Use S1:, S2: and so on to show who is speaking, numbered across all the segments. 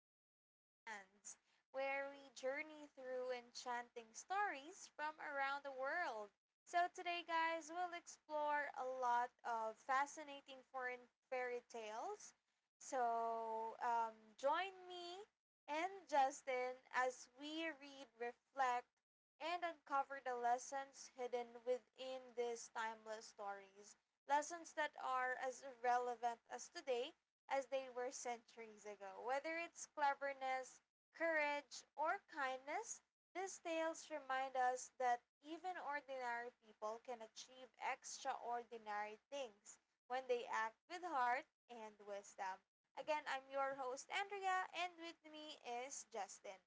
S1: Across Lands, where we journey through enchanting stories from around the world. So, today, guys, we'll explore a lot of fascinating foreign fairy tales. Join me and Justin as we read, reflect, and uncover the lessons hidden within these timeless stories, lessons that are as relevant as today as they were centuries ago. Whether it's cleverness, courage, or kindness, these tales remind us that even ordinary people can achieve extraordinary things when they act with heart and wisdom. Again, I'm your host, Andrea, and with me is Justin.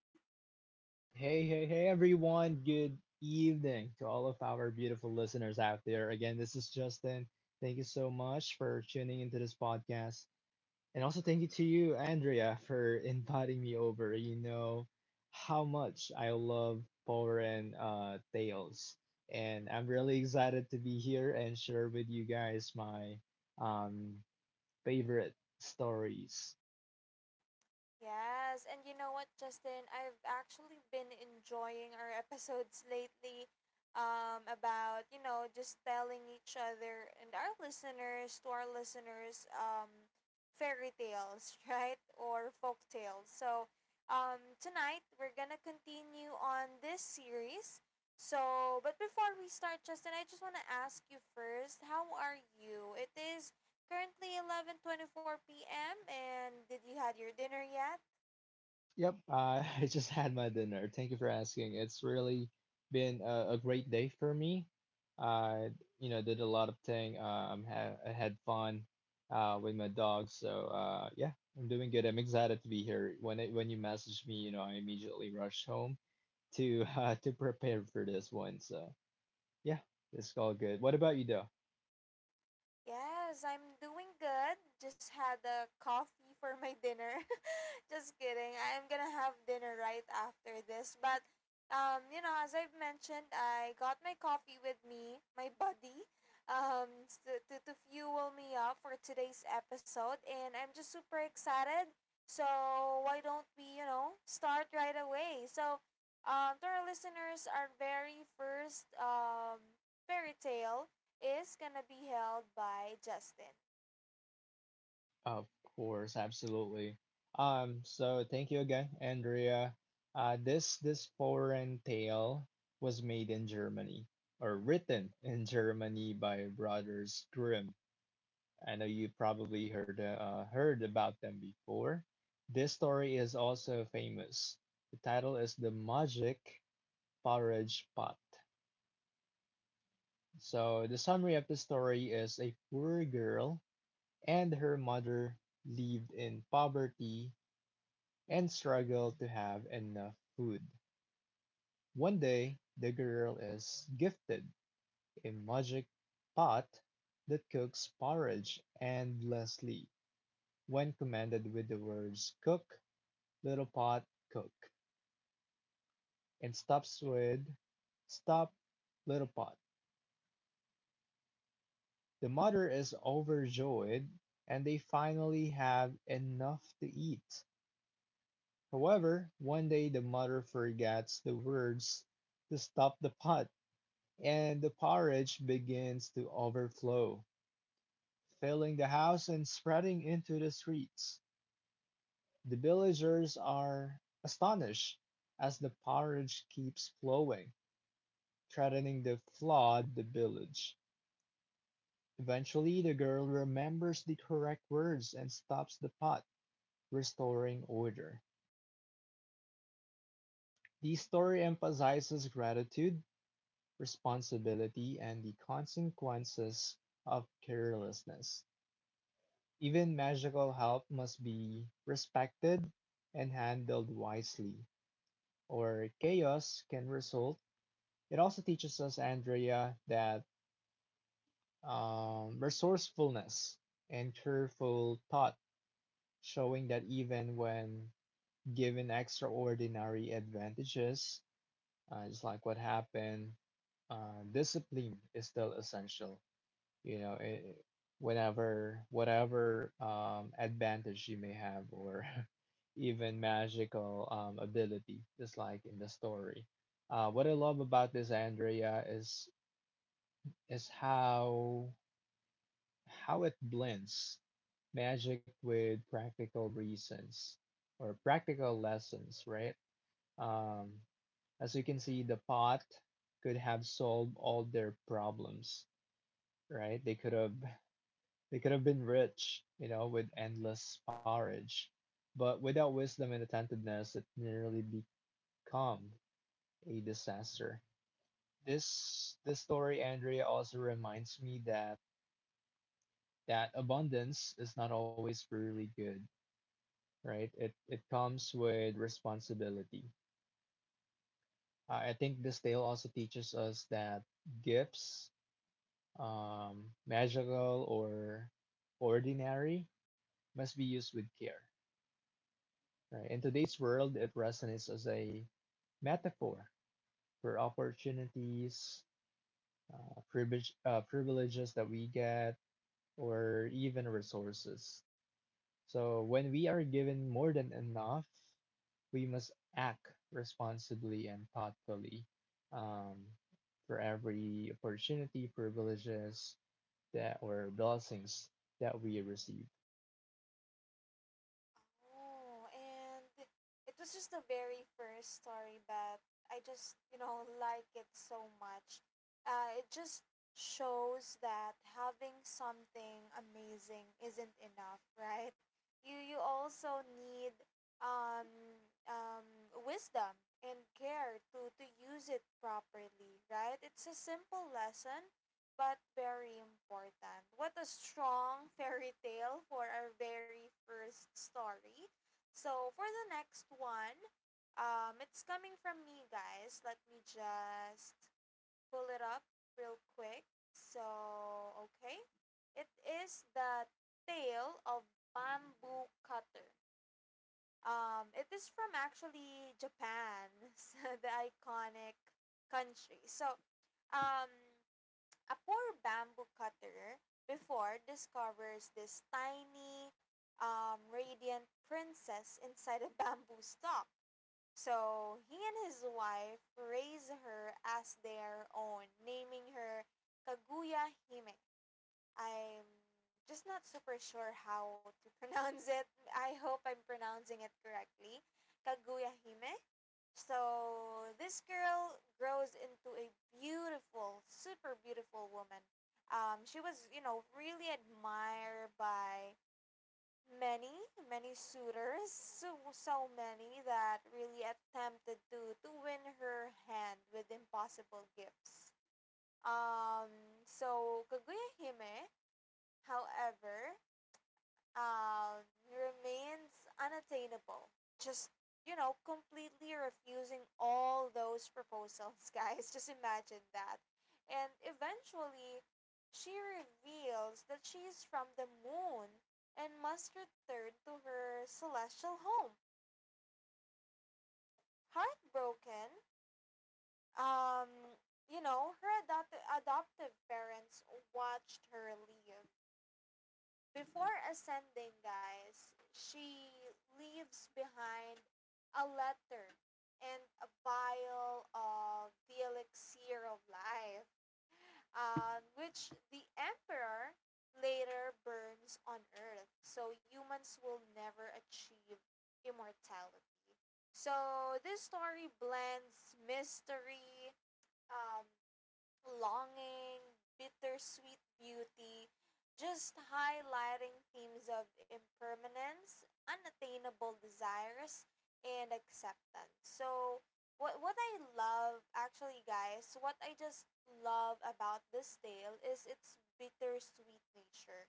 S2: Hey, hey, hey, everyone. Good evening to all of our beautiful listeners out there. Again, this is Justin. Thank you so much for tuning into this podcast. And also, thank you to you, Andrea, for inviting me over. You know how much I love foreign tales. And I'm really excited to be here and share with you guys my um, favorite stories.
S1: Yes, and you know what, Justin? I've actually been enjoying our episodes lately, about, just telling each other and our listeners, to our listeners, fairy tales, right? Or folk tales. So tonight, we're going to continue on this series. So, but before we start, Justin, I just want to ask you first, how are you? It is currently 11:24 p.m. and did you had your dinner yet?
S2: Yep, I I just had my dinner. Thank you for asking. It's really been a great day for me. I, you know, did a lot of thing. Ha I had fun with my dog. So yeah, I'm doing good. I'm excited to be here. When you messaged me, you know, I immediately rushed home to to prepare for this one. So yeah, it's all good. What about you, though?
S1: Yes, I'm doing good. Just had a coffee for my dinner. Just kidding. I am gonna have dinner right after this. But you know, as I've mentioned, I got my coffee with me, my buddy, to fuel me up for today's episode, and I'm just super excited. So why don't we, you know, start right away? So, to our listeners, our very first fairy tale is gonna be held by Justin.
S2: Of course, absolutely. So thank you again, Andrea. This foreign tale was made in Germany or written in Germany by Brothers Grimm. I know you probably heard heard about them before. This story is also famous. The title is The Magic Porridge Pot. So the summary of the story is a poor girl and her mother lived in poverty and struggle to have enough food. One day, the girl is gifted a magic pot that cooks porridge endlessly. When commanded with the words "cook, little pot, cook," and stops with "stop, little pot," the mother is overjoyed and they finally have enough to eat. However, one day the mother forgets the words to stop the pot, and the porridge begins to overflow, filling the house and spreading into the streets. The villagers are astonished as the porridge keeps flowing, threatening to flood the village. Eventually, the girl remembers the correct words and stops the pot, restoring order. The story emphasizes gratitude, responsibility, and the consequences of carelessness. Even magical help must be respected and handled wisely, or chaos can result. It also teaches us, Andrea, that resourcefulness and careful thought, showing that even when given extraordinary advantages, just like what happened, discipline is still essential. You know, it, whenever whatever advantage you may have or even magical ability, just like in the story. What I love about this, Andrea, is is how how it blends magic with practical reasons or practical lessons, right? Um, as you can see, the pot could have solved all their problems, right? They could have been rich, you know, with endless porridge, but without wisdom and attentiveness, it nearly become a disaster. This story, Andrea, also reminds me that abundance is not always really good, right? It comes with responsibility. I think this tale also teaches us that gifts, magical or ordinary, must be used with care. Right. In today's world, it resonates as a metaphor for opportunities, privileges that we get, or even resources. So when we are given more than enough, we must act responsibly and thoughtfully, um, for every opportunity, privileges that or blessings that we receive.
S1: Oh, and it was just the very first story, but I just, you know, like it so much. It just shows that having something amazing isn't enough, right? You also need um um wisdom and care to use it properly, right? It's a simple lesson, but very important. What a strong fairy tale for our very first story. So, for the next one, it's coming from me, guys. Let me just pull it up real quick. So, okay. It is the tale of bamboo cutter. It is from actually Japan, the iconic country. So, um, a poor bamboo cutter before discovers this tiny radiant princess inside a bamboo stalk. So he and his wife raise her as their own, naming her Kaguya Hime. I'm just not super sure how to pronounce it. I hope I'm pronouncing it correctly. Kaguya Hime, so this girl grows into a beautiful, super beautiful woman. She was, you know, really admired by many, many suitors, so, so many that really attempted to win her hand with impossible gifts. Um, so Kaguya Hime, however, remains unattainable. Just, you know, completely refusing all those proposals, guys. Just imagine that. And eventually, she reveals that she is from the moon and must return to her celestial home. Heartbroken, um, you know, her adoptive parents watched her leave. Before ascending, guys, she leaves behind a letter and a vial of the elixir of life, which the emperor later burns on earth. So humans will never achieve immortality. So this story blends mystery, um, longing, bittersweet beauty, just highlighting themes of impermanence, unattainable desires, and acceptance. So, what I love, actually, guys, what I just love about this tale is its bittersweet nature.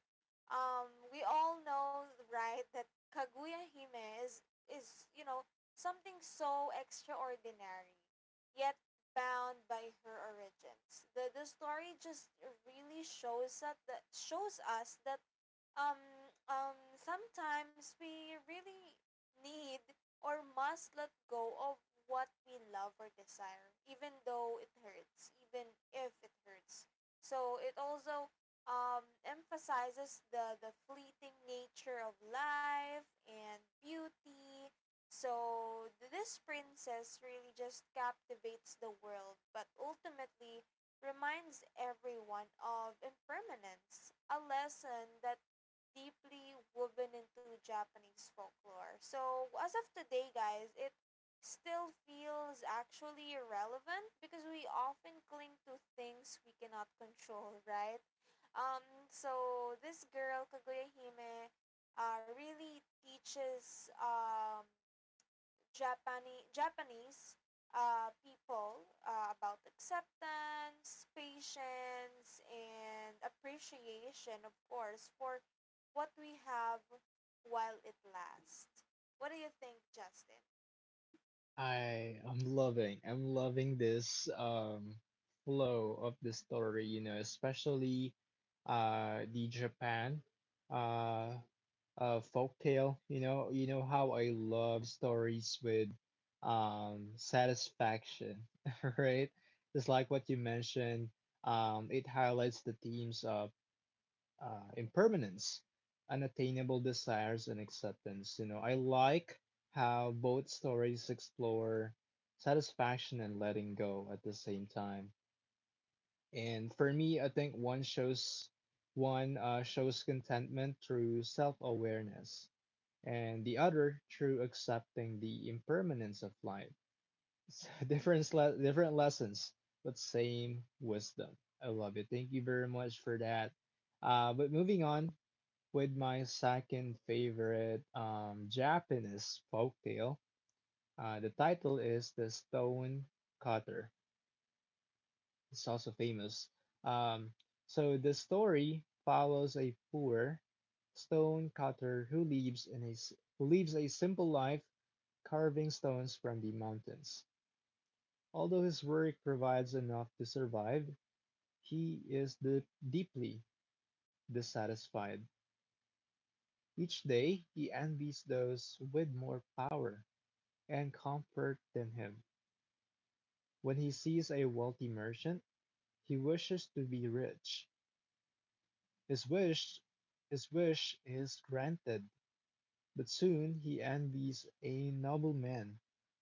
S1: We all know, right, that Kaguya Hime is, you know, something so extraordinary. Yet bound by her origins. The story just really shows that, that shows us that um sometimes we really need or must let go of what we love or desire, even though it hurts, even if it hurts. So it also emphasizes the fleeting nature of life and beauty. So this princess really just captivates the world, but ultimately reminds everyone of impermanence, a lesson that deeply woven into Japanese folklore. So, as of today, guys, it still feels actually irrelevant because we often cling to things we cannot control, right? Um, so, this girl, Kaguya Hime, really teaches Japani Japanese people about acceptance, patience, and appreciation, of course, for what we have while it lasts. What do you think, Justin?
S2: I'm loving this flow of the story, you know, especially the Japan uh folktale. You know, you know how I love stories with satisfaction, right? Just like what you mentioned, it highlights the themes of impermanence, unattainable desires, and acceptance. You know, I like how both stories explore satisfaction and letting go at the same time. And for me, I think one shows contentment through self-awareness, and the other through accepting the impermanence of life. So different lessons, but same wisdom. I love it. Thank you very much for that. But moving on, with my second favorite Japanese folktale. The title is The Stone Cutter. It's also famous. Um, so the story follows a poor stone cutter who lives a simple life carving stones from the mountains. Although his work provides enough to survive, he is deeply dissatisfied. Each day, he envies those with more power and comfort than him. When he sees a wealthy merchant, he wishes to be rich. His wish, his wish is granted, but soon he envies a nobleman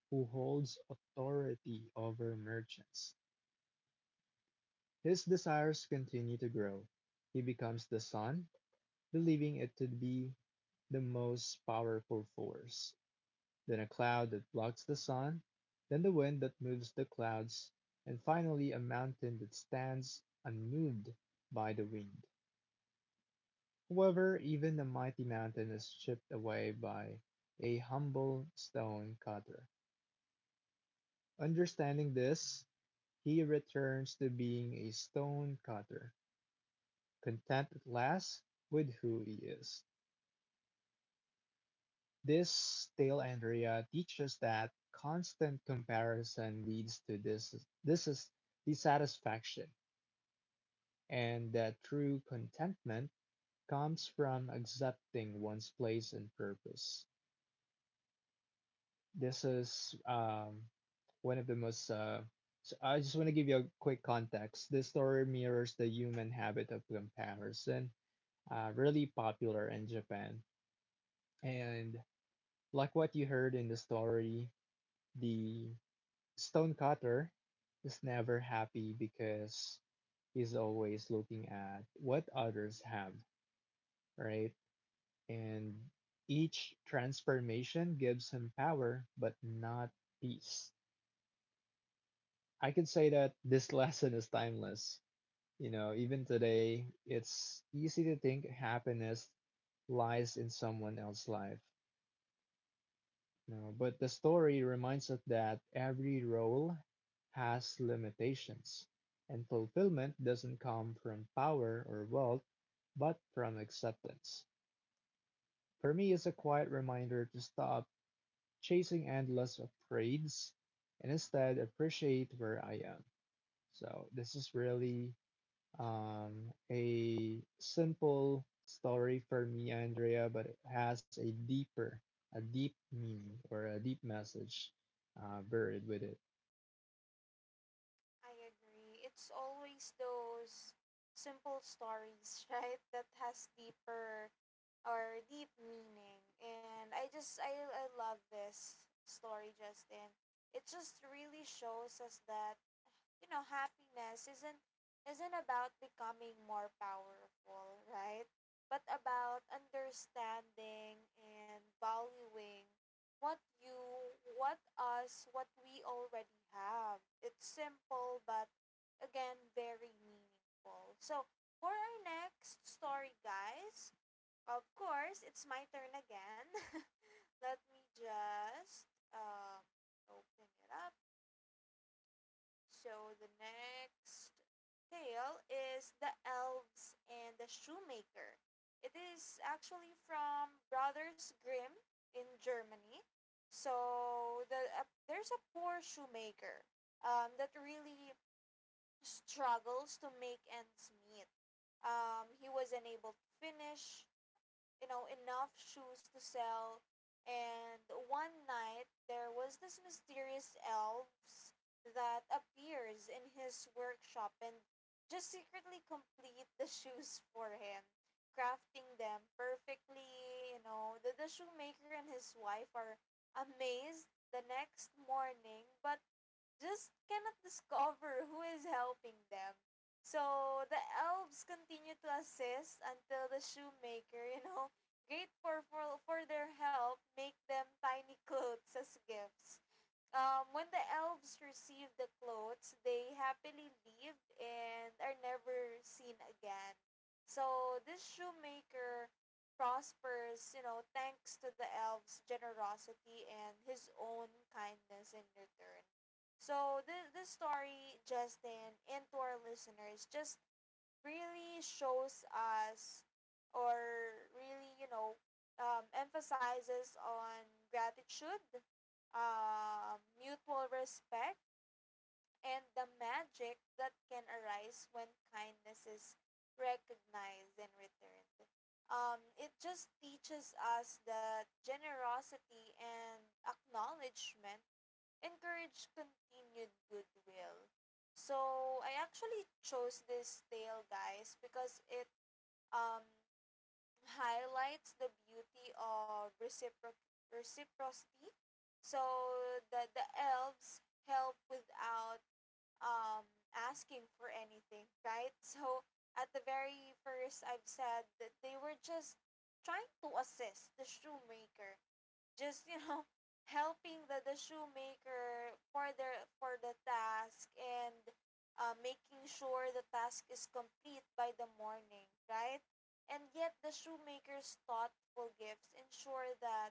S2: who holds authority over merchants. His desires continue to grow. He becomes the sun, believing it to be the most powerful force, then a cloud that blocks the sun, then the wind that moves the clouds, and finally a mountain that stands unmoved by the wind. However, even a mighty mountain is chipped away by a humble stone cutter. Understanding this, he returns to being a stone cutter, content at last with who he is. This tale, Andrea, teaches that constant comparison leads to this. This is dissatisfaction, and that true contentment comes from accepting one's place and purpose. This is one of the most. So I just want to give you a quick context. This story mirrors the human habit of comparison, really popular in Japan. And like what you heard in the story, the Stonecutter is never happy because he's always looking at what others have, right? And each transformation gives him power, but not peace. I could say that this lesson is timeless. You know, even today, it's easy to think happiness lies in someone else's life. No, but the story reminds us that every role has limitations, and fulfillment doesn't come from power or wealth, but from acceptance. For me, it's a quiet reminder to stop chasing endless upgrades, and instead appreciate where I am. So, this is really a simple story for me, Andrea, but it has a deep meaning or a deep message buried with it.
S1: I agree. It's always those simple stories, right, that has deeper or deep meaning. And I just I love this story, Justin. It just really shows us that you know, happiness isn't about becoming more powerful, right? But about understanding and valuing what you, what us, what we already have. It's simple, but again, very meaningful. So, for our next story, guys, of course, it's my turn again. Let me just um, open it up. So the next tale is The Elves and the Shoemaker. It is actually from Brothers Grimm in Germany. So the there's a poor shoemaker that really struggles to make ends meet. He was unable to finish, you know, enough shoes to sell. And one night, there was this mysterious elves that appears in his workshop and just secretly complete the shoes for him, crafting them perfectly. You know, the shoemaker and his wife are amazed the next morning, but just cannot discover who is helping them. So the elves continue to assist until the shoemaker, you know, grateful for their help, make them tiny clothes as gifts. When the elves receive the clothes, they happily leave and are never seen again. So this shoemaker prospers, you know, thanks to the elves' generosity and his own kindness in return. So this story, Justin, and to our listeners, just really shows us or really you know emphasizes on gratitude, mutual respect, and the magic that can arise when kindness is recognized and returned. It just teaches us that generosity and acknowledgement encourage continued goodwill. So I actually chose this tale, guys, because it um highlights the beauty of reciprocity. So the elves help without um, asking for anything, right? So at the very first, I've said that they were just trying to assist the shoemaker, just you know, helping the shoemaker for their for the task and making sure the task is complete by the morning, right? And yet the shoemaker's thoughtful gifts ensure that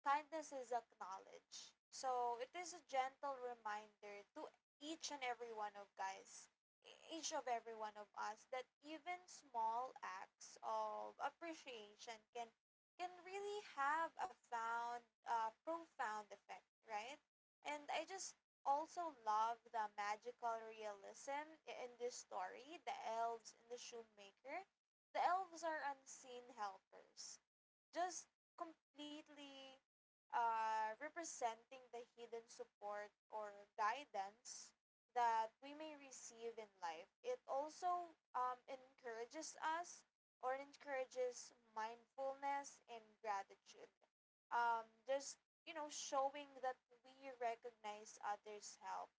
S1: kindness is acknowledged. So it is a gentle reminder to each and every one of guys, each of every one of us that even small acts of appreciation can really have a found profound effect, right? And I just also love the magical realism in this story, the elves and the shoemaker. The elves are unseen helpers, just completely representing the hidden support or guidance that we may receive in life. It also encourages us or encourages mindfulness and gratitude. Just, you know, showing that we recognize others' help.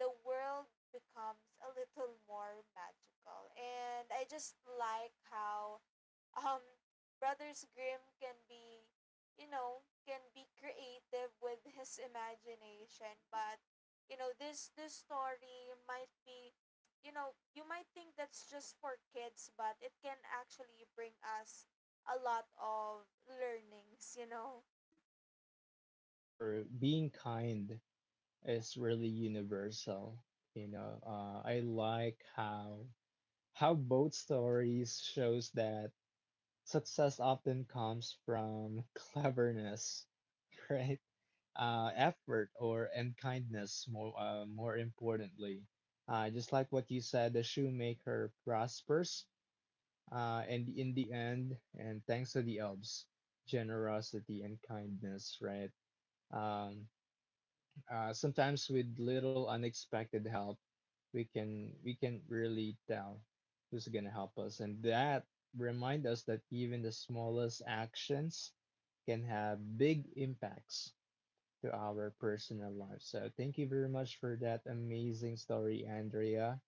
S1: The world becomes a little more magical. And I just like how um brothers grimm can be you know can be creative with his imagination, but you know this story might be you know you might think that's just for kids, but it can actually bring us a lot of learnings, you know.
S2: Yes, that's true. Being kind is really universal. You know, I like how both stories shows that success often comes from cleverness, right? Effort or and kindness more more importantly. Just like what you said, the shoemaker prospers, and in the end, and thanks to the elves, generosity and kindness, right? Um, sometimes with little unexpected help, we can really tell who's gonna help us, and that remind us that even the smallest actions can have big impacts to our personal life. So thank you very much for that amazing story, Andrea.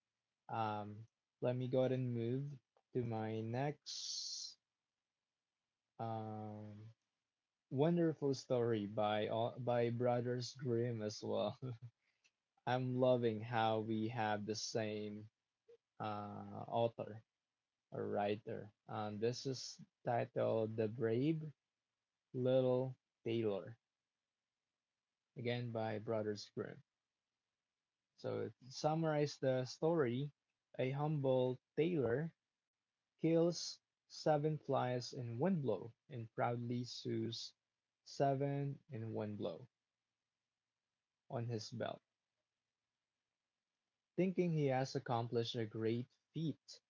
S2: Um, let me go ahead and move to my next um, wonderful story by Brothers Grimm as well. I'm loving how we have the same uh, author or writer. This is titled "The Brave Little Tailor," again by Brothers Grimm. So to summarize the story, a humble tailor kills seven flies in one blow and proudly sews seven in one blow on his belt. Thinking he has accomplished a great feat,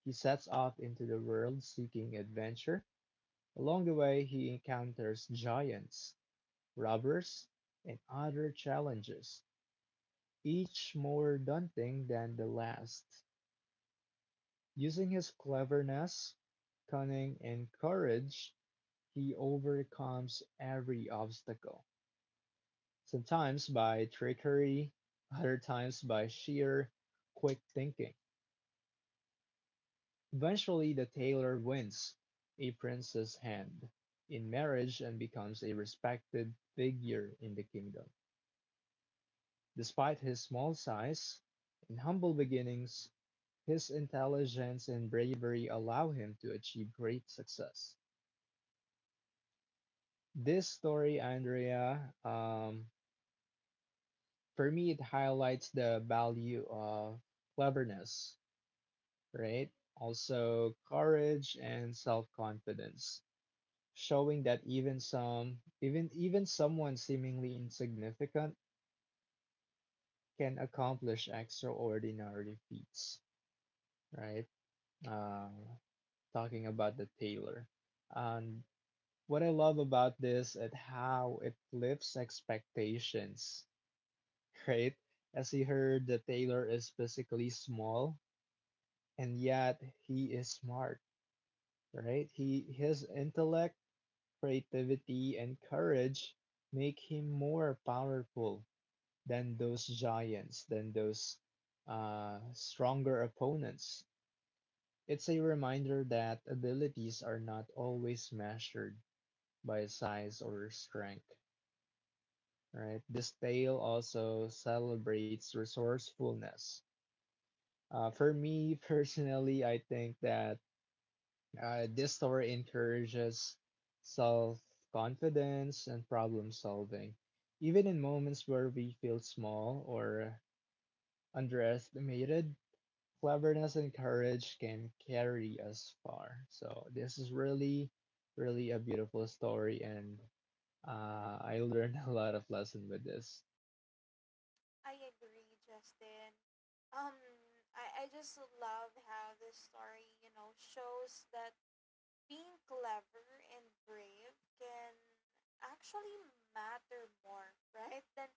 S2: he sets off into the world seeking adventure. Along the way, he encounters giants, robbers, and other challenges, each more daunting than the last. Using his cleverness, cunning, and courage, he overcomes every obstacle, sometimes by trickery, other times by sheer quick thinking. Eventually, the tailor wins a prince's hand in marriage and becomes a respected figure in the kingdom. Despite his small size and humble beginnings, his intelligence and bravery allow him to achieve great success. This story, Andrea, for me, it highlights the value of cleverness, right? Also, courage and self-confidence, showing that even someone seemingly insignificant can accomplish extraordinary feats, right? Um, talking about the tailor, and what I love about this is how it flips expectations, right? As he heard that Taylor is physically small and yet he is smart, right? He His intellect, creativity, and courage make him more powerful than those giants, than those stronger opponents. It's a reminder that abilities are not always measured by size or strength, right? This tale also celebrates resourcefulness. For me personally, I think that this story encourages self confidence and problem solving. Even in moments where we feel small or underestimated, cleverness and courage can carry us far. So, this is really, really a beautiful story, and I learned a lot of lesson with this.
S1: I agree, Justin. um I just love how this story you know shows that being clever and brave can actually matter more, right? Than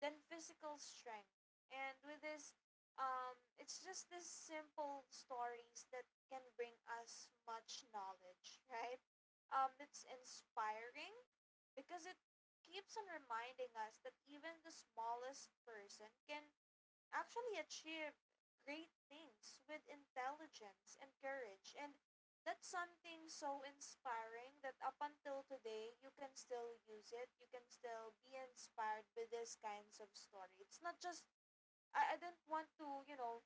S1: than physical strength. And with this, it's just these simple stories that can bring us much knowledge, right? It's inspiring because it keeps on reminding us that even the smallest person can actually achieve great things with intelligence and courage. And that's something so inspiring that up until today, you can still use it. You can still be inspired by these kinds of story. It's not just, I don't want to, you know,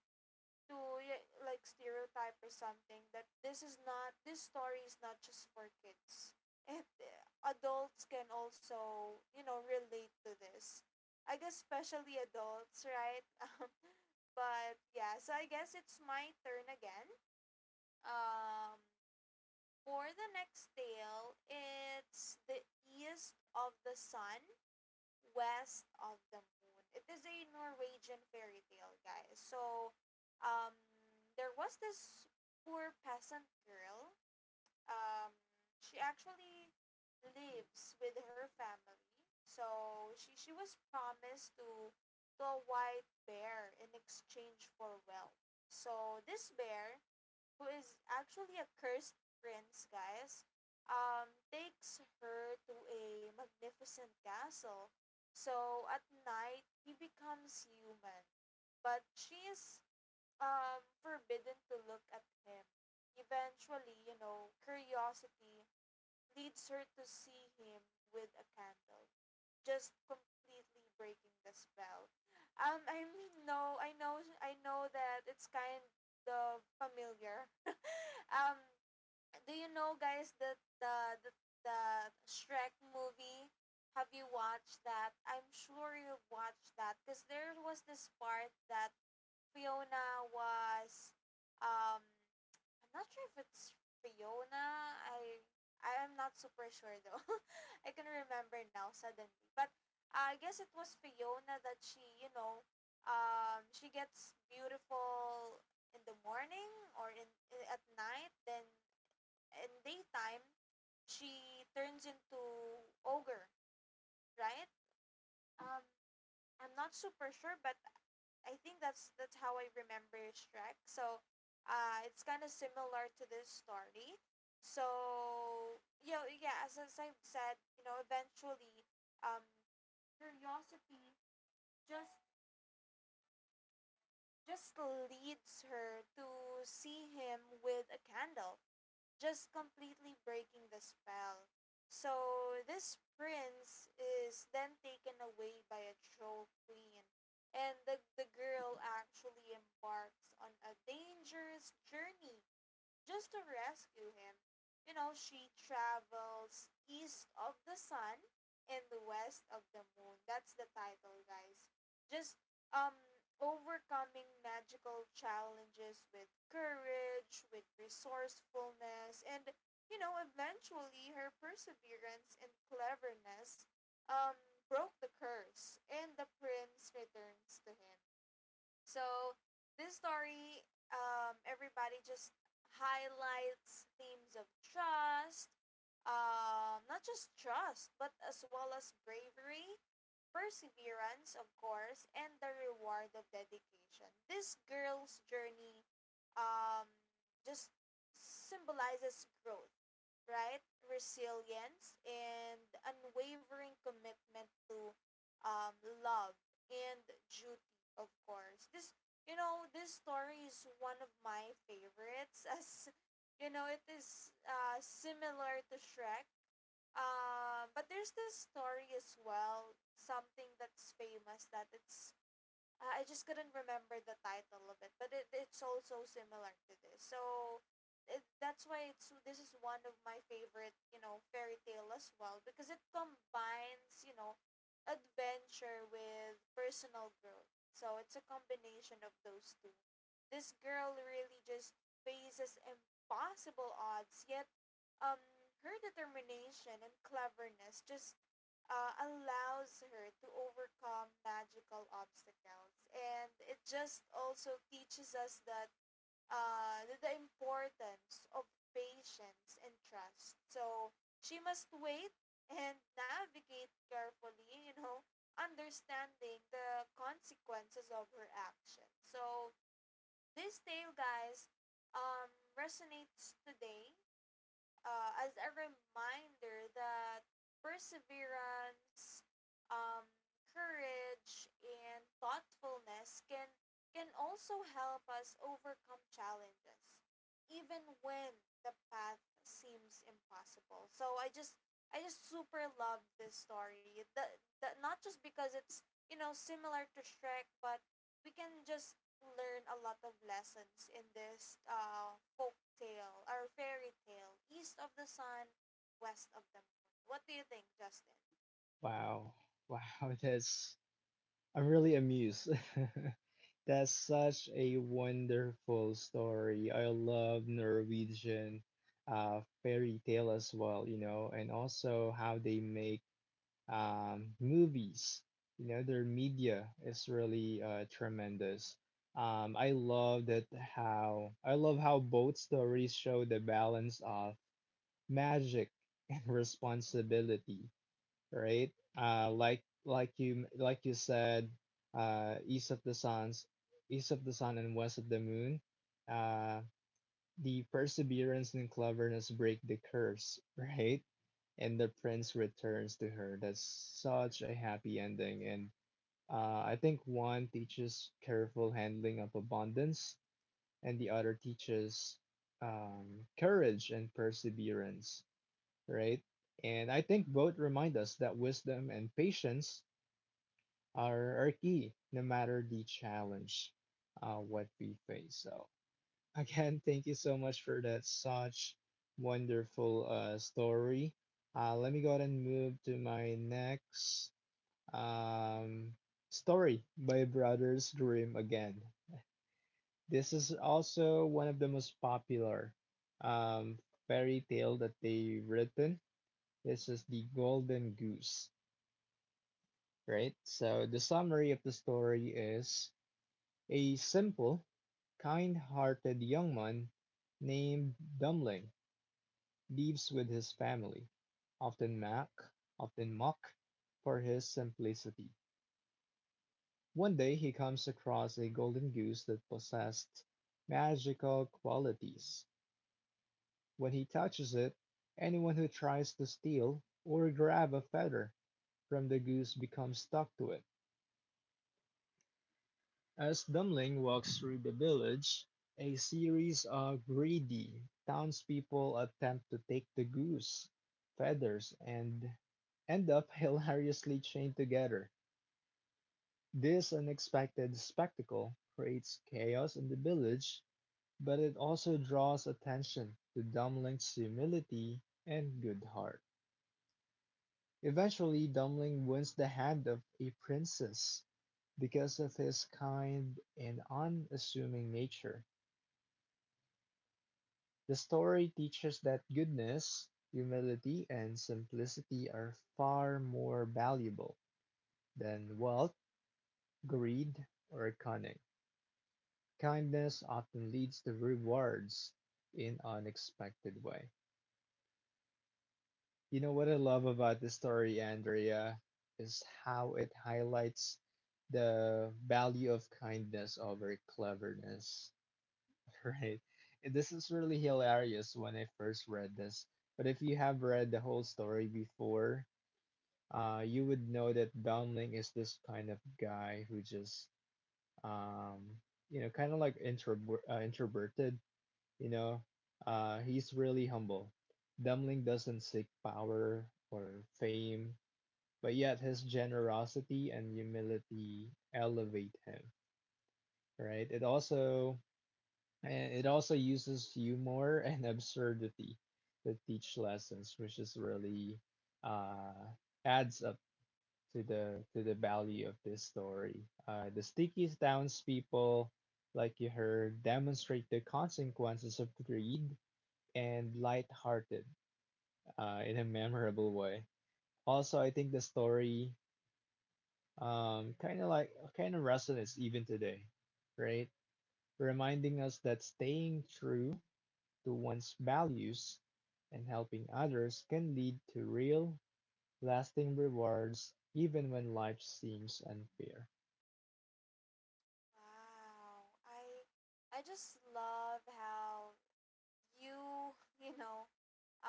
S1: like stereotype or something that this is not this story is not just for kids, and adults can also you know relate to this, I guess especially adults, right? But yeah, so I guess it's my turn again. um for the next tale, it's the east of the sun west of the moon. It is a Norwegian fairy tale, guys. So, um, there was this poor peasant girl. Um, she actually lives with her family. So she was promised to a white bear in exchange for wealth. So this bear who is actually a cursed prince, guys, takes her to a magnificent castle. So at night, he becomes human, but she is forbidden to look at him. Eventually, you know, curiosity leads her to see him with a candle, just completely breaking the spell. I mean, no, I know that it's kind of familiar. Um, do you know guys that the Shrek movie? Have you watched that? I'm sure you watched that because there was this part that Fiona was um I'm not sure if it's Fiona. I'm not super sure though. I can remember now suddenly. But I guess it was Fiona that she, you know, she gets beautiful in the morning or at night then in daytime, she turns into ogre, right? Um, I'm not super sure, but I think that's how I remember Shrek. So, it's kind of similar to this story. So, you know, yeah, as I've said, you know, eventually, um, curiosity just just leads her to see him with a candle just completely breaking the spell. So this prince is then taken away by a troll queen, and the girl actually embarks on a dangerous journey just to rescue him. You know, she travels east of the sun and the west of the moon. That's the title, guys. Just um overcoming magical challenges with courage, with resourcefulness, and you know, eventually her perseverance and cleverness um broke the curse and the prince returns to him. So this story, everybody just highlights themes of trust, not just trust, but as well as bravery, perseverance, of course, and the reward of dedication. This girl's journey, um, just symbolizes growth, right? Resilience and unwavering commitment to, um, love and duty, of course. This, this story is one of my favorites as, you know, it is similar to Shrek, but there's this story as well, something that's famous that it's, I just couldn't remember the title of it, but it's also similar to this. So that's why it's this is one of my favorite, you know, fairy tale as well because it combines, you know, adventure with personal growth. So it's a combination of those two. This girl really just faces impossible odds, yet um her determination and cleverness just allows her to overcome magical obstacles. And it just also teaches us that the importance of patience and trust. So she must wait and navigate carefully, you know, understanding the consequences of her action. So this tale, guys, um, resonates today as a reminder that perseverance, um, courage, and thoughtfulness can also help us overcome challenges, even when the path seems impossible. So I just super love this story. The not just because it's, you know, similar to Shrek, but we can just learn a lot of lessons in this, folk tale or fairy tale, East of the Sun, West of the Moon. What do you think, Justin?
S2: Wow, wow, this. I'm really amused. That's such a wonderful story. I love Norwegian fairy tale as well, you know, and also how they make movies. You know, their media is really tremendous. I love how both stories show the balance of magic and responsibility, right? Like you said, uh, east of the suns, east of the sun and west of the moon. Uh, the perseverance and cleverness break the curse, right? And the prince returns to her. That's such a happy ending, and I think one teaches careful handling of abundance, and the other teaches courage and perseverance, right? And I think both remind us that wisdom and patience are key no matter the challenge what we face. So again, thank you so much for that such wonderful story. Let me go ahead and move to my next um, story by Brothers Grimm again. This is also one of the most popular um, fairy tale that they've written. This is the Golden Goose, right? So the summary of the story is a simple, kind-hearted young man named Dummling lives with his family, often mocked for his simplicity. One day he comes across a golden goose that possessed magical qualities. When he touches it, anyone who tries to steal or grab a feather from the goose becomes stuck to it. As Dummling walks through the village, a series of greedy townspeople attempt to take the goose feathers and end up hilariously chained together. This unexpected spectacle creates chaos in the village, but it also draws attention to Dumbling's humility and good heart. Eventually, Dummling wins the hand of a princess because of his kind and unassuming nature. The story teaches that goodness, humility, and simplicity are far more valuable than wealth, greed, or cunning. Kindness often leads to rewards in unexpected way. You know what I love about this story, Andrea, is how it highlights the value of kindness over cleverness. Right. And this is really hilarious when I first read this, but if you have read the whole story before, you would know that Domling is this kind of guy who just, um, kind of like introverted, you know, he's really humble. Domling doesn't seek power or fame, but yet his generosity and humility elevate him, right? It also And it also uses humor and absurdity to teach lessons, which is really uh, adds up to the value of this story. The sticky townspeople, like you heard, demonstrate the consequences of greed and lighthearted in a memorable way. Also, I think the story kind of like kind of resonates even today, right? Reminding us that staying true to one's values and helping others can lead to real, lasting rewards even when life seems unfair.
S1: Wow, I just love how you, you know,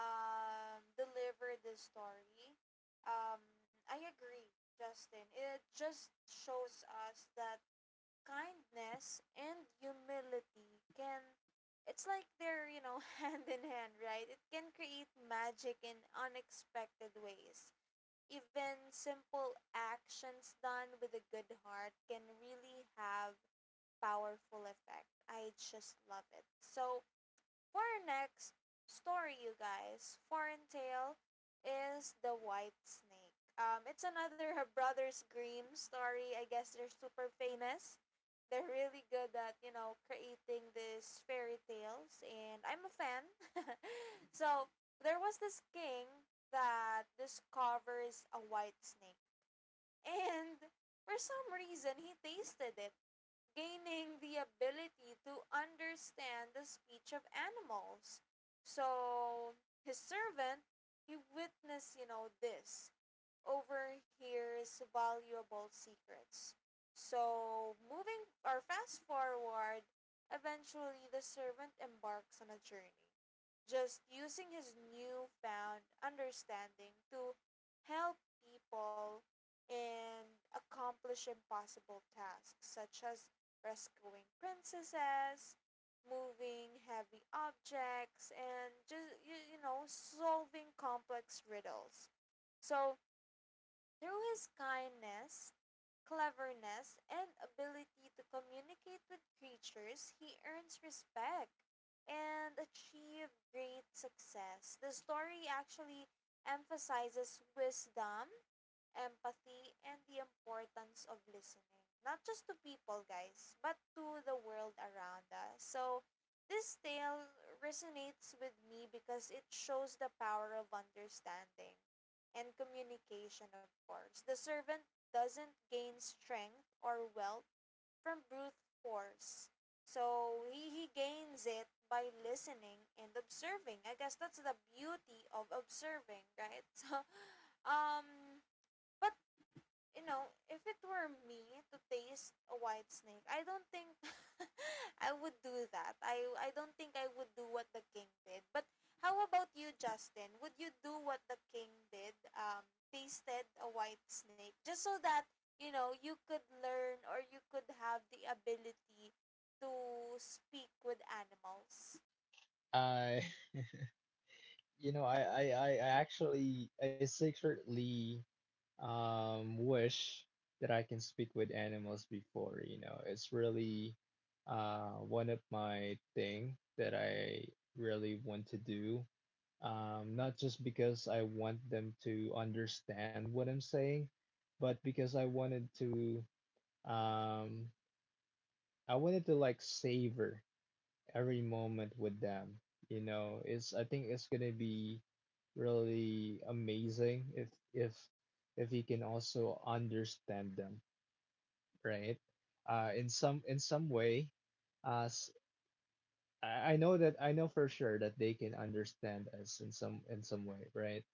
S1: deliver this story. Um, I agree, Justin. It just shows us that kindness and humility can, it's like they're, you know, hand in hand, right? It can create magic in unexpected ways. Even simple actions done with a good heart can really have powerful effect. I just love it. So for our next story, you guys, Foreign Tale is The White Snake. It's another her Brothers Grimm story. I guess they're super famous. They're really good at, you know, creating these fairy tales, and I'm a fan. so, there was this king that discovers a white snake, and for some reason, he tasted it, gaining the ability to understand the speech of animals. So his servant, he witnessed, you know, this overhears valuable secrets. So, moving or fast forward, eventually the servant embarks on a journey, just using his newfound understanding to help people and accomplish impossible tasks such as rescuing princesses, moving heavy objects, and just you know solving complex riddles. So through his kindness, cleverness, and ability to communicate with creatures, he earns respect and achieved great success. The story actually emphasizes wisdom, empathy, and the importance of listening, not just to people, guys, but to the world around us. So, this tale resonates with me because it shows the power of understanding and communication, of course. The servant doesn't gain strength or wealth from brute force. So he gains it by listening and observing. I guess that's the beauty of observing, right? So, um, but you know, if it were me to taste a white snake, I don't think I would do that. I don't think I would do what the king did. But how about you, Justin? Would you do what the king did? Tasted a white snake just so that, you know, you could learn or you could have the ability to speak with animals.
S2: I, I actually, I secretly wish that I can speak with animals before. You know, it's really one of my thing that I really want to do, not just because I want them to understand what I'm saying, but because I wanted to, um, I wanted to like savor every moment with them. You know, it's I think it's gonna be really amazing if you can also understand them, right? In some way, uh, s- I know that I know for sure that they can understand us in some way, right?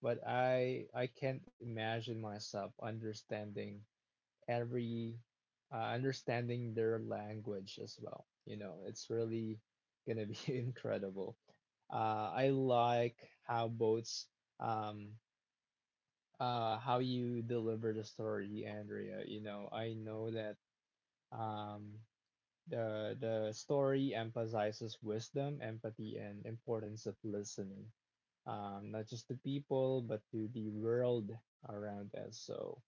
S2: But I can't imagine myself understanding every, understanding their language as well. You know, it's really gonna be incredible. I like how boats um how you deliver the story, Andrea. You know, I know that um the story emphasizes wisdom, empathy, and importance of listening, not just to people, but to the world around us. So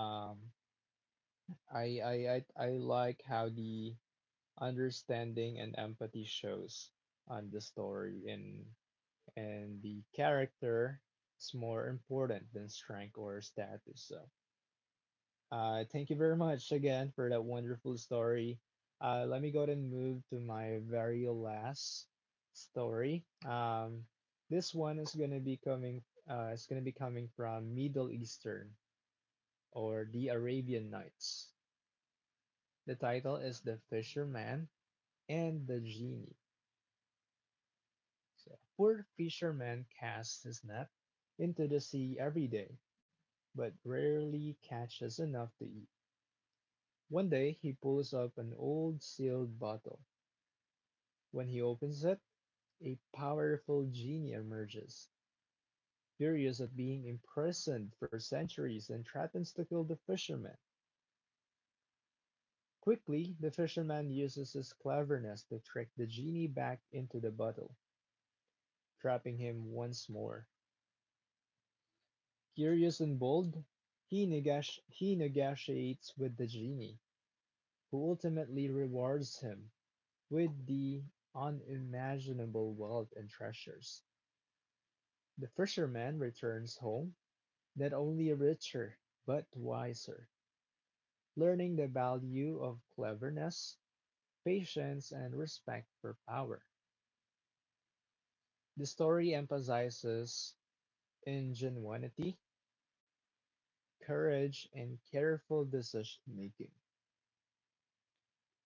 S2: um, I like how the understanding and empathy shows on the story and the character is more important than strength or status. So thank you very much again for that wonderful story. Let me go ahead and move to my very last story. This one is gonna be coming from Middle Eastern or the Arabian Nights. The title is "The Fisherman and the Genie." So, poor fisherman casts his net into the sea every day, but rarely catches enough to eat. One day, he pulls up an old sealed bottle. When he opens it, a powerful genie emerges, furious at being imprisoned for centuries, and threatens to kill the fisherman. Quickly, the fisherman uses his cleverness to trick the genie back into the bottle, trapping him once more. Curious and bold, he negotiates with the genie, who ultimately rewards him with the unimaginable wealth and treasures. The fisherman returns home not only richer but wiser, learning the value of cleverness, patience, and respect for power. The story emphasizes ingenuity, courage, and careful decision making.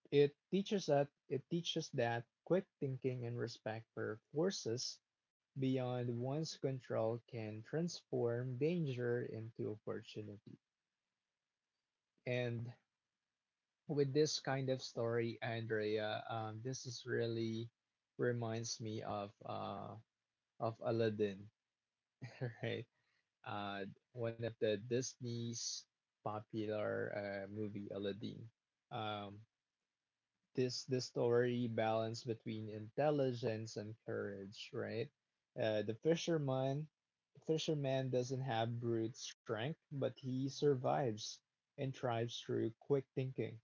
S2: It teaches that quick thinking and respect for forces beyond one's control can transform danger into opportunity. And with this kind of story, Andrea, this is really reminds me of Aladdin, right? Uh, one of the Disney's popular movie, Aladdin. Um, this this story balance between intelligence and courage, right? The fisherman doesn't have brute strength, but he survives and thrives through quick thinking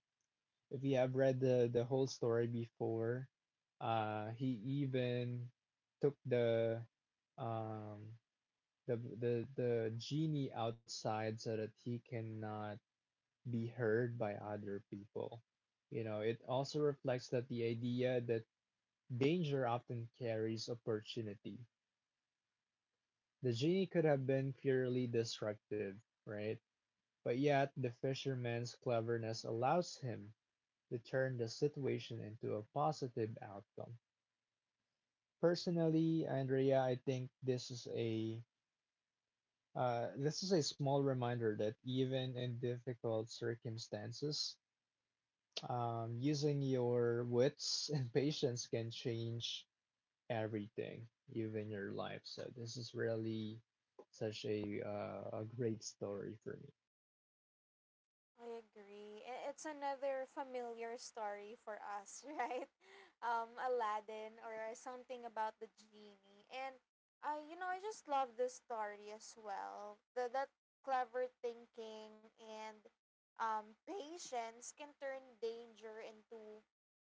S2: if you have read the whole story before, he even took the um genie outside so that he cannot be heard by other people. You know, it also reflects that the idea that danger often carries opportunity. The genie could have been purely destructive, right? But yet, the fisherman's cleverness allows him to turn the situation into a positive outcome. Personally, Andrea, I think this is a small reminder that even in difficult circumstances, using your wits and patience can change everything, even your life. So this is really such a great story for me.
S1: I agree. I- It's another familiar story for us, right? Aladdin or something about the genie. And, you know, I just love this story as well. That clever thinking and, patience can turn danger into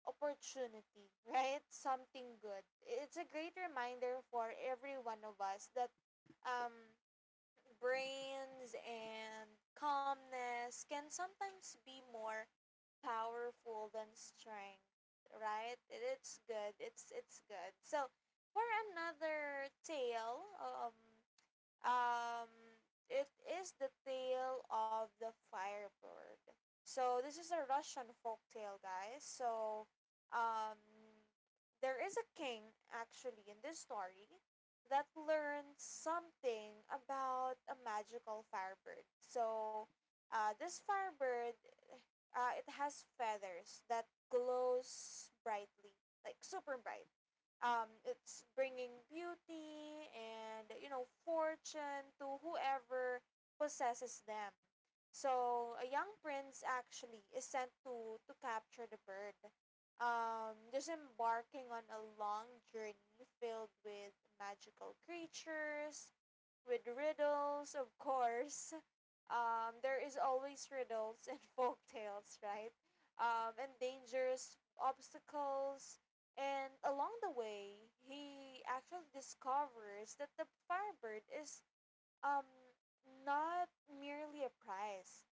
S1: opportunity, right? Something good. It's a great reminder for every one of us that, um, brains and calmness can sometimes be more powerful than strength, right? It's good, it's good. So for another tale, um, it is the tale of the firebird. So this is a Russian folk tale, guys. So, um, there is a king actually in this story that learned something about a magical firebird. So, this firebird, it has feathers that glows brightly, like super bright. It's bringing beauty and, you know, fortune to whoever possesses them. So a young prince actually is sent to capture the bird. Just embarking on a long journey filled with magical creatures, with riddles, of course. There is always riddles and folk tales, right? And dangers, obstacles, and along the way, he actually discovers that the Firebird is, um, not merely a prize,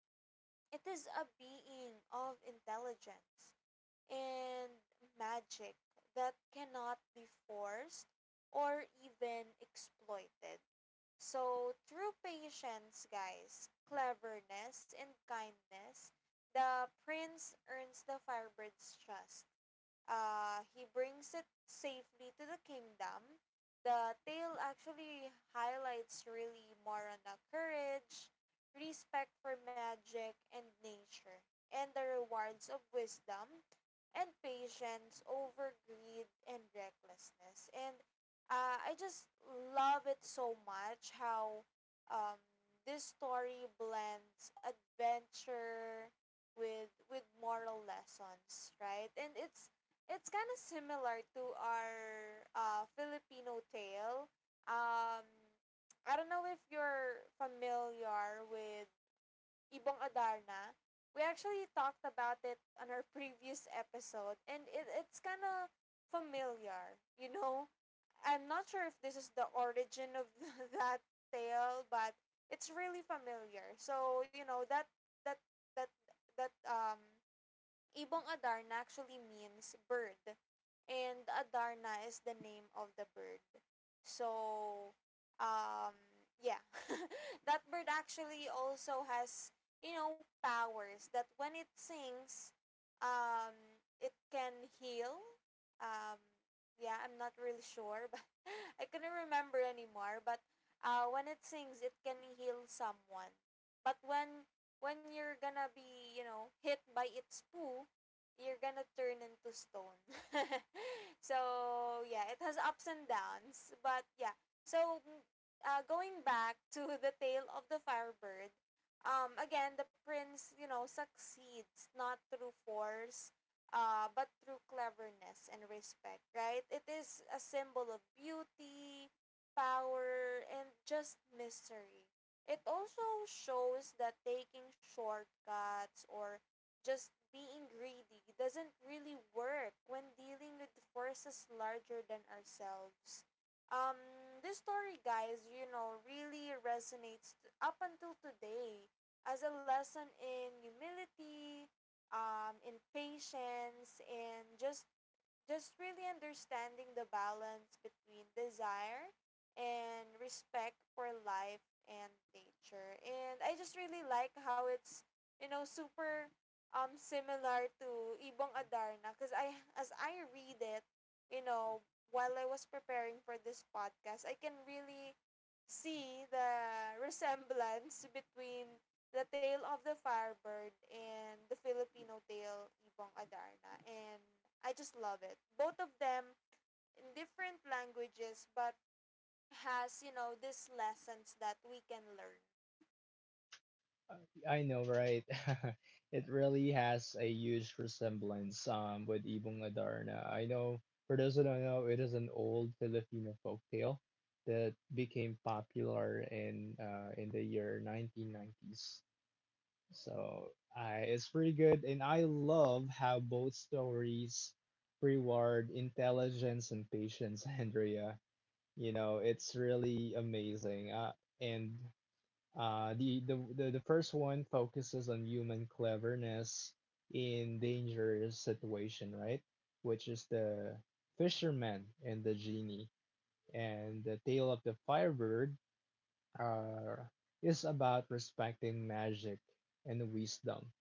S1: it is a being of intelligence and magic that cannot be forced or even exploited. So, through patience, guys, cleverness, and kindness, the prince earns the firebird's trust, he brings it safely to the kingdom. The tale actually highlights really Morana courage, respect for magic and nature, and the rewards of wisdom and patience over greed and recklessness. And I just love it so much how, um, this story blends adventure with moral lessons, right? And it's kind of similar to our, Filipino tale. Um, I don't know if you're familiar with Ibong Adarna. We actually talked about it on our previous episode, and it's kind of familiar, you know? I'm not sure if this is the origin of that tale, but it's really familiar. So, you know, that, that, that, um, Ibong Adarna actually means bird. And Adarna is the name of the bird. So, um, yeah. that bird actually also has, you know, powers that when it sings, it can heal. Um, yeah, I'm not really sure, but I couldn't remember anymore. But when it sings, it can heal someone. But when you're gonna be, you know, hit by its poo, you're gonna turn into stone. so yeah, it has ups and downs, but yeah. So going back to the tale of the Firebird, again the prince, you know, succeeds not through force, but through cleverness and respect. Right? It is a symbol of beauty, power, and just mystery. It also shows that taking shortcuts or just being greedy doesn't really work when dealing with forces larger than ourselves. Um, this story, guys, you know, really resonates up until today as a lesson in humility, in patience, and just really understanding the balance between desire and respect for life and nature. And I just really like how it's, you know, super similar to Ibong Adarna because I as I read it, you know, while I was preparing for this podcast, I can really see the resemblance between the Tale of the Firebird and The Filipino Tale Ibong Adarna, and I just love it. Both of them in different languages, but has, you know, these lessons that we can learn.
S2: Uh, I know, right? It really has a huge resemblance with Ibong Adarna. I know, for those who don't know, it is an old Filipino folktale that became popular in the year 1990s. So I it's pretty good, and I love how both stories reward intelligence and patience, Andrea. You know, it's really amazing. And the first one focuses on human cleverness in dangerous situation, right? Which is the fisherman and the genie. And the tale of the firebird uh, is about respecting magic and wisdom.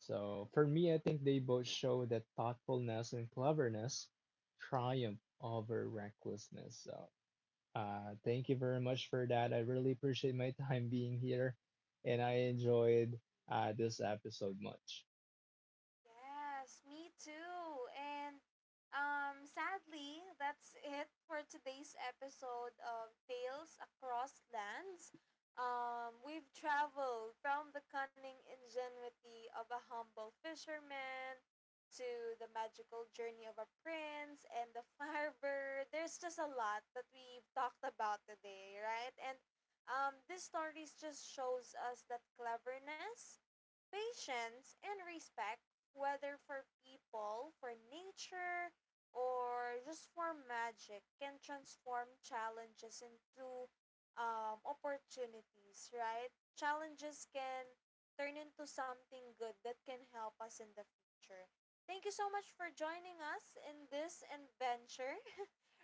S2: So for me, I think they both show that thoughtfulness and cleverness triumph over recklessness. So thank you very much for that. I really appreciate my time being here, and I enjoyed this episode much.
S1: Yes, me too. And, sadly, that's it for today's episode of Tales Across Lands. We've traveled from the cunning ingenuity of a humble fisherman to the magical journey of a prince and the firebird. There's just a lot that we've talked about today, right? And, this stories just shows us that cleverness, patience, and respect, whether for people, for nature, or just for magic, can transform challenges into, opportunities, right? Challenges can turn into something good that can help us in the future. Thank you so much for joining us in this adventure.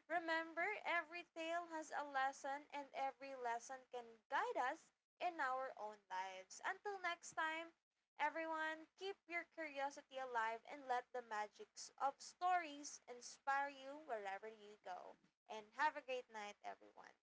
S1: Remember, every tale has a lesson, and every lesson can guide us in our own lives. Until next time, everyone, keep your curiosity alive and let the magics of stories inspire you wherever you go. And have a great night, everyone.